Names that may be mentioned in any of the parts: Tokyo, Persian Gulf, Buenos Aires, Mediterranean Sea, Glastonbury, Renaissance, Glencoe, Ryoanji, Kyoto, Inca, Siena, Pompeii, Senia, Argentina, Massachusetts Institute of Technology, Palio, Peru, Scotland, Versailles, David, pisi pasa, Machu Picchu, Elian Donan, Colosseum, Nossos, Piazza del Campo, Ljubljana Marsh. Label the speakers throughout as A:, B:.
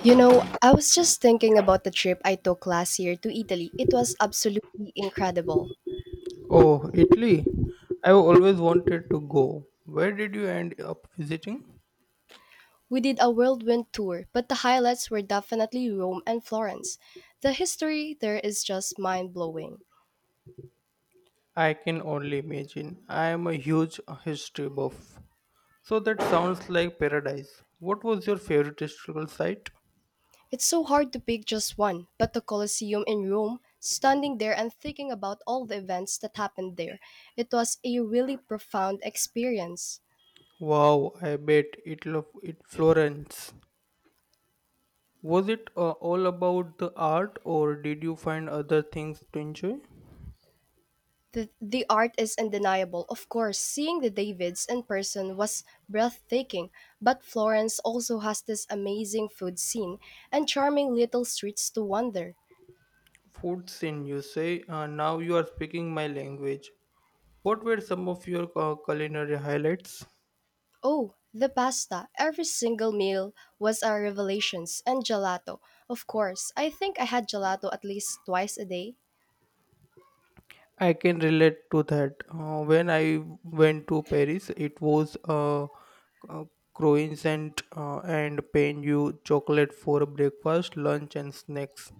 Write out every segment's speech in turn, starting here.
A: You know, I was just thinking about the trip I took last year to Italy. It was absolutely incredible.
B: Oh, Italy. I've always wanted to go. Where did you end up visiting?
A: We did a whirlwind tour, but the highlights were definitely Rome and Florence. The history there is just mind blowing.
B: I can only imagine. I am a huge history buff. So that sounds like paradise. What was your favorite historical site?
A: It's so hard to pick just one, but the Colosseum in Rome, standing there and thinking about all the events that happened there, it was a really profound experience.
B: Wow, I bet it Florence. Was it all about the art or did you find other things to enjoy?
A: The art is undeniable. Of course, seeing the Davids in person was breathtaking, but Florence also has this amazing food scene and charming little streets to wander.
B: Food scene, you say. Now you are speaking my language. What were some of your culinary highlights?
A: Oh, the pasta. Every single meal was a revelation, and gelato. Of course, I think I had gelato at least twice a day.
B: I can relate to that. When I went to Paris, it was a croissant and pain you chocolate for breakfast, lunch, and snacks.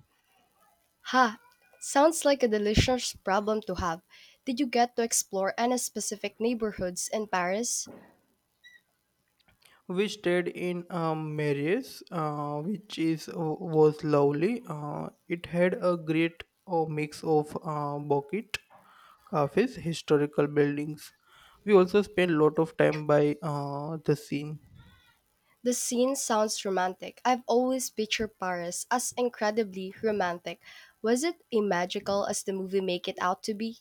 A: Ha! Sounds like a delicious problem to have. Did you get to explore any specific neighborhoods in Paris?
B: We stayed in Mary's, which is was lovely. It had a great mix of bucket cafes, historical buildings. We also spent a lot of time by the scene.
A: The scene sounds romantic. I've always pictured Paris as incredibly romantic. Was it as magical as the movie make it out to be?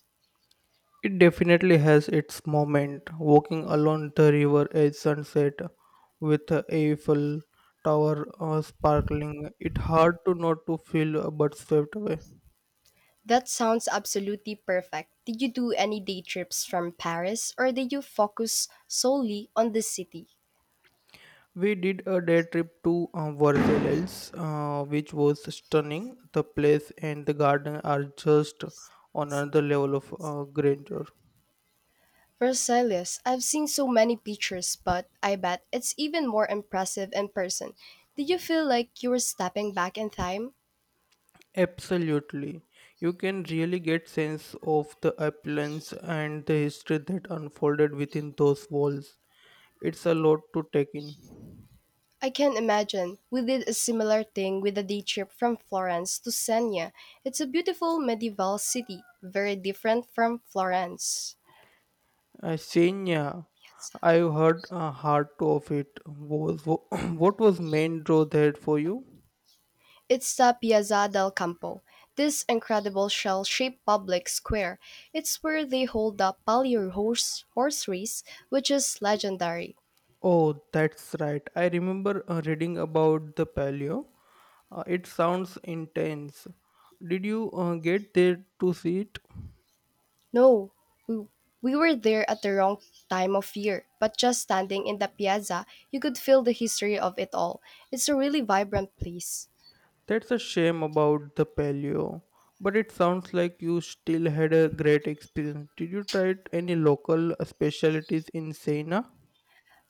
B: It definitely has its moment. Walking along the river at sunset with a Eiffel Tower sparkling, it hard to not to feel but swept away.
A: That sounds absolutely perfect. Did you do any day trips from Paris or did you focus solely on the city?
B: We did a day trip to Versailles, which was stunning. The place and the garden are just on another level of grandeur.
A: Versailles, I've seen so many pictures, but I bet it's even more impressive in person. Did you feel like you were stepping back in time?
B: Absolutely, you can really get sense of the appearance and the history that unfolded within those walls. It's a lot to take in.
A: I can imagine. We did a similar thing with a day trip from Florence to Senia. It's a beautiful medieval city, very different from Florence.
B: Senya,
A: Yes.
B: I've heard hard to of it. Was what was main draw there for you?
A: It's the Piazza del Campo, this incredible shell shaped public square. It's where they hold the Palio horse race, which is legendary.
B: Oh, that's right. I remember reading about the paleo. It sounds intense. Did you get there to see it?
A: No, we, we were there at the wrong time of year, but just standing in the piazza, you could feel the history of it all. It's a really vibrant place.
B: That's a shame about the paleo. But it sounds like you still had a great experience. Did you try any local specialties in Sena?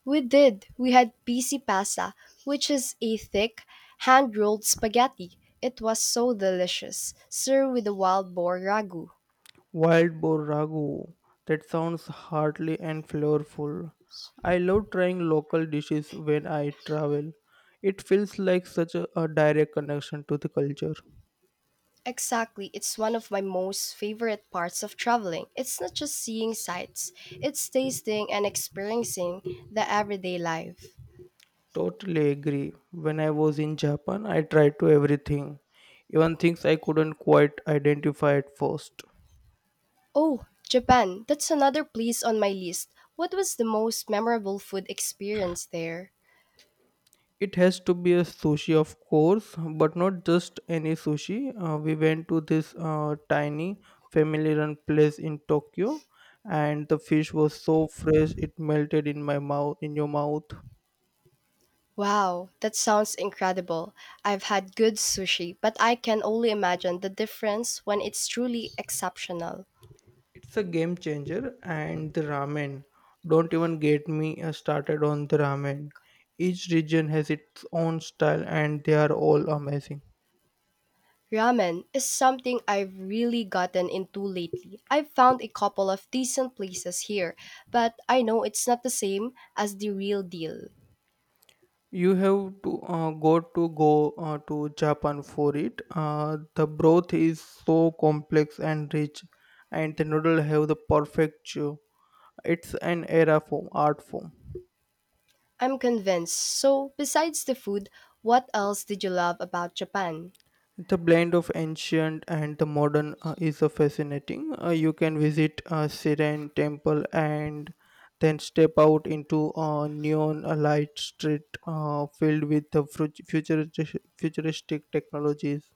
A: We did. We had pisi pasa, which is a thick, hand rolled spaghetti. It was so delicious, served with a wild boar ragu.
B: Wild boar ragu. That sounds hearty and flavorful. I love trying local dishes when I travel. It feels like such a direct connection to the culture.
A: Exactly, it's one of my most favorite parts of traveling. It's not just seeing sights, it's tasting and experiencing the everyday life.
B: Totally agree. When I was in Japan, I tried to everything, even things I couldn't quite identify at first.
A: Oh, Japan, that's another place on my list. What was the most memorable food experience there?
B: It has to be a sushi, of course, but not just any sushi. We went to this tiny family run place in Tokyo, and the fish was so fresh it melted in my mouth, in your mouth.
A: Wow, that sounds incredible. I've had good sushi, but I can only imagine the difference when it's truly exceptional.
B: It's a game changer, and the ramen. Don't even get me started on the ramen. Each region has its own style, and they are all amazing.
A: Ramen is something I've really gotten into lately. I've found a couple of decent places here, but I know it's not the same as the real deal.
B: You have to go to Japan for it. The broth is so complex and rich, and the noodle have the perfect chew. It's an era form, art form.
A: I'm convinced. So, besides the food, what else did you love about Japan?
B: The blend of ancient and the modern is fascinating. You can visit Siren Temple and then step out into a neon light street filled with the futuristic technologies.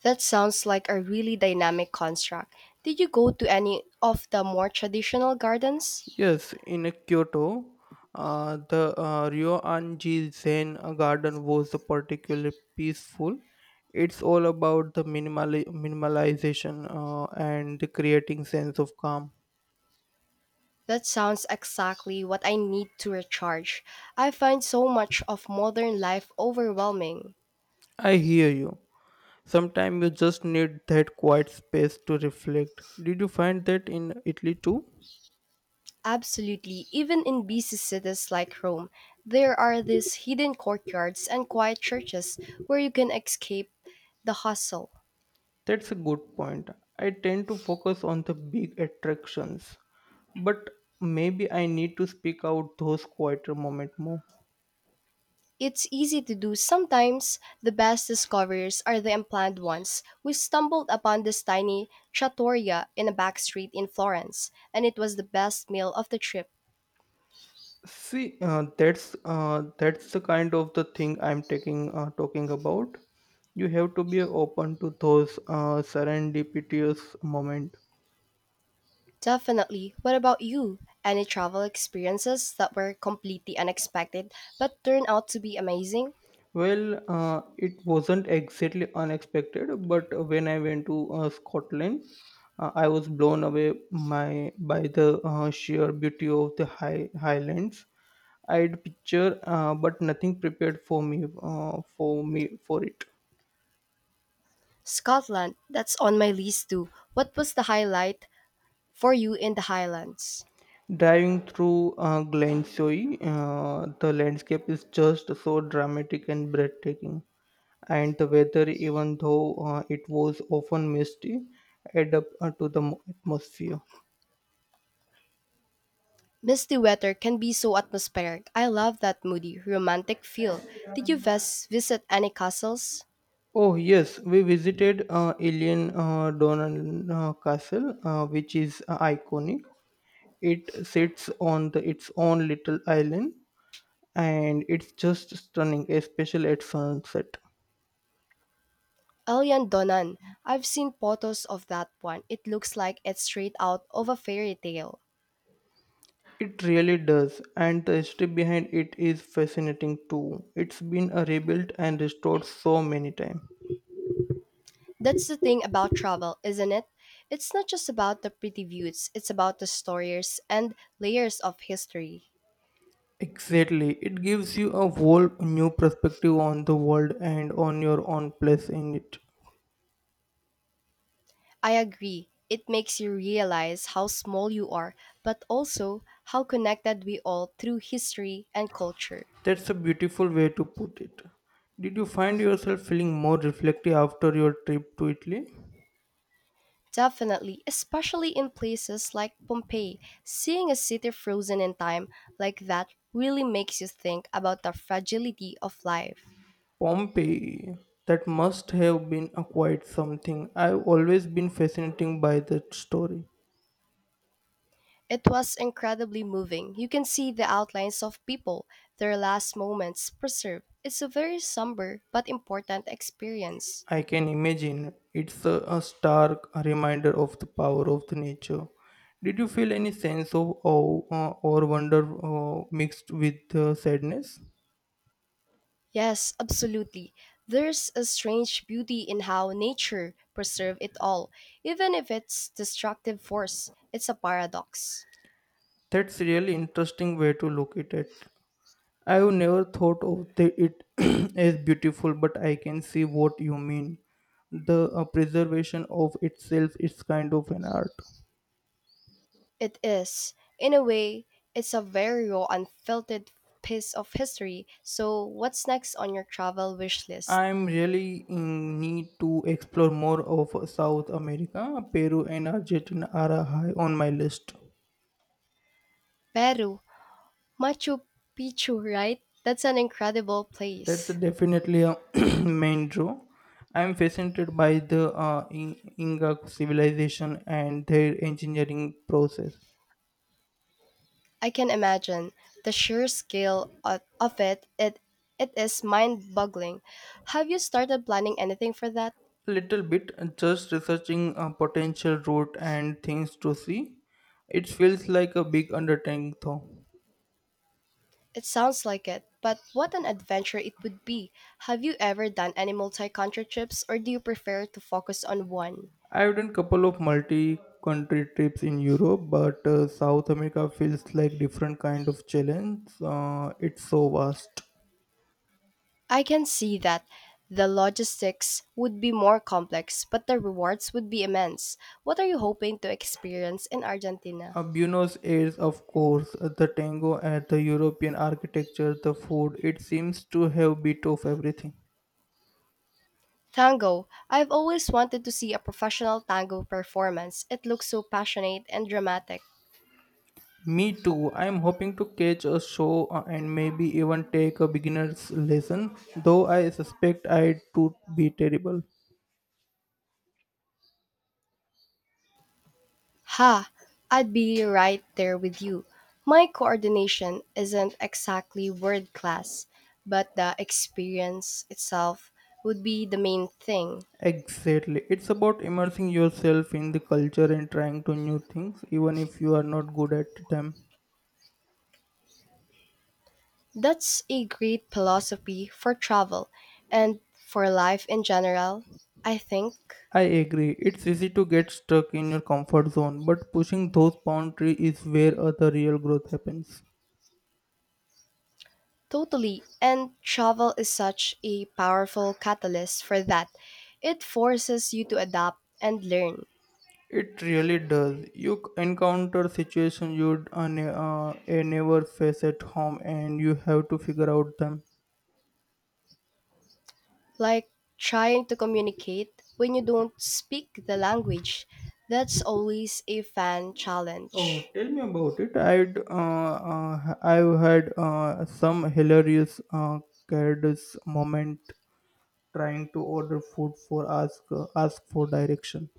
A: That sounds like a really dynamic construct. Did you go to any of the more traditional gardens?
B: Yes, in Kyoto, the Ryoanji Zen Garden was particularly peaceful. It's all about the minimalization and the creating sense of calm.
A: That sounds exactly what I need to recharge. I find so much of modern life overwhelming.
B: I hear you. Sometimes you just need that quiet space to reflect. Did you find that in Italy too?
A: Absolutely, even in busy cities like Rome, there are these hidden courtyards and quiet churches where you can escape the hustle.
B: That's a good point. I tend to focus on the big attractions, but maybe I need to speak out those quieter moments more.
A: It's easy to do sometimes. The best discoveries are the unplanned ones. We stumbled upon this tiny trattoria in a back street in Florence, and it was the best meal of the trip.
B: See, that's the kind of the thing I'm taking talking about. You have to be open to those serendipitous moment.
A: Definitely. What about you? Any travel experiences that were completely unexpected but turned out to be amazing?
B: Well, it wasn't exactly unexpected, but when I went to Scotland, I was blown away my by the sheer beauty of the highlands. I'd picture, but nothing prepared for me for it.
A: Scotland, that's on my list too. What was the highlight for you in the Highlands?
B: Driving through Glensoi, the landscape is just so dramatic and breathtaking, and the weather, even though it was often misty, add up to the atmosphere.
A: Misty weather can be so atmospheric. I love that moody, romantic feel. Did you visit any castles?
B: Oh yes, we visited Alien Donan Castle, which is iconic. It sits on the, its own little island, and it's just stunning, especially at sunset.
A: Elian Donan. I've seen photos of that one. It looks like it's straight out of a fairy tale.
B: It really does, and the history behind it is fascinating too. It's been rebuilt and restored so many times.
A: That's the thing about travel, isn't it? It's not just about the pretty views, it's about the stories and layers of history.
B: Exactly, it gives you a whole new perspective on the world and on your own place in it.
A: I agree. It makes you realize how small you are, but also how connected we all through history and culture.
B: That's a beautiful way to put it. Did you find yourself feeling more reflective after your trip to Italy?
A: Definitely, especially in places like Pompeii, seeing a city frozen in time like that really makes you think about the fragility of life.
B: Pompeii. That must have been a quite something. I've always been fascinated by that story.
A: It was incredibly moving. You can see the outlines of people, their last moments preserved. It's a very somber but important experience.
B: I can imagine it's a stark reminder of the power of the nature. Did you feel any sense of awe or wonder mixed with sadness?
A: Yes, absolutely. There's a strange beauty in how nature preserves it all, even if it's destructive force. It's a paradox.
B: That's really interesting way to look at it. I have never thought of the, it as beautiful, but I can see what you mean. The preservation of itself is kind of an art.
A: It is, in a way, it's a very raw, unfiltered piece of history. So, what's next on your travel wish list?
B: I'm really in need to explore more of South America. Peru and Argentina are high on my list.
A: Peru Machu Picchu, right? That's an incredible
B: That's
A: place.
B: definitely a main draw. I'm fascinated by the Inca civilization and their engineering process.
A: I can imagine the sheer scale of it. It is mind-boggling. Have you started planning anything for that?
B: Little bit, just researching a potential route and things to see. It feels like a big undertaking, though.
A: It sounds like it, but what an adventure it would be. Have you ever done any multi-country trips or do you prefer to focus on one?
B: I've done couple of multi-country trips in Europe, but South America feels like different kind of challenge. It's so vast.
A: I can see that the logistics would be more complex, but the rewards would be immense. What are you hoping to experience in Argentina?
B: Buenos Aires, of course, the tango and the European architecture, the food. It seems to have bit of everything.
A: Tango. I've always wanted to see a professional tango performance. It looks so passionate and dramatic.
B: Me too. I'm hoping to catch a show and maybe even take a beginner's lesson, though I suspect I would be terrible.
A: Ha! I'd be right there with you. My coordination isn't exactly world class, but the experience itself would be the main thing.
B: Exactly. It's about immersing yourself in the culture and trying to new things even if you are not good at them.
A: That's a great philosophy for travel and for life in general, I think.
B: I agree. It's easy to get stuck in your comfort zone, but pushing those boundaries is where the real growth happens.
A: Totally. And travel is such a powerful catalyst for that. It forces you to adapt and learn.
B: It really does. You encounter situations you'd never face at home and you have to figure out them.
A: Like trying to communicate when you don't speak the language. That's always a fan
B: Oh,
A: challenge.
B: tell me about it. I've had some hilarious careless moment trying to order food for ask ask for direction.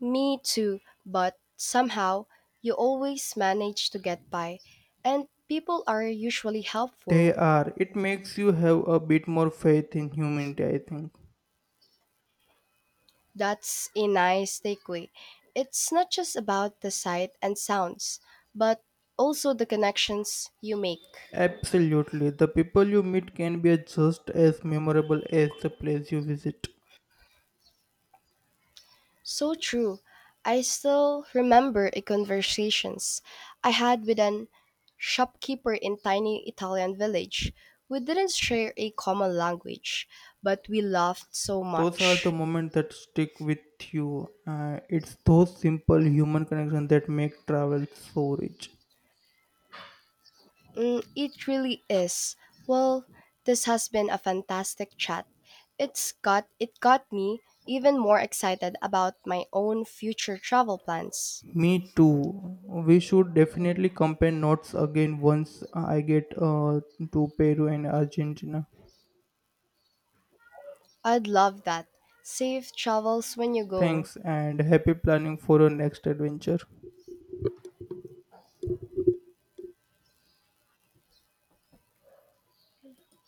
A: Me too, but somehow you always manage to get by, and people are usually
B: They
A: helpful.
B: are, it makes you have a bit more faith in humanity, I think.
A: That's a nice takeaway. It's not just about the sight and sounds, but also the connections you make.
B: Absolutely, the people you meet can be just as memorable as the place you visit.
A: So true. I still remember a conversations I had with an shopkeeper in tiny Italian village. We didn't share a common language, but we laughed so
B: Those are the
A: much.
B: moments that stick with you. It's those simple human connections that make travel so rich.
A: Mm, it really is. Well, this has been a fantastic chat. It's got me even more excited about my own future travel plans.
B: Me too, we should definitely compare notes again once I get to Peru and Argentina.
A: I'd love that. Safe travels when you go.
B: Thanks and happy planning for your next adventure.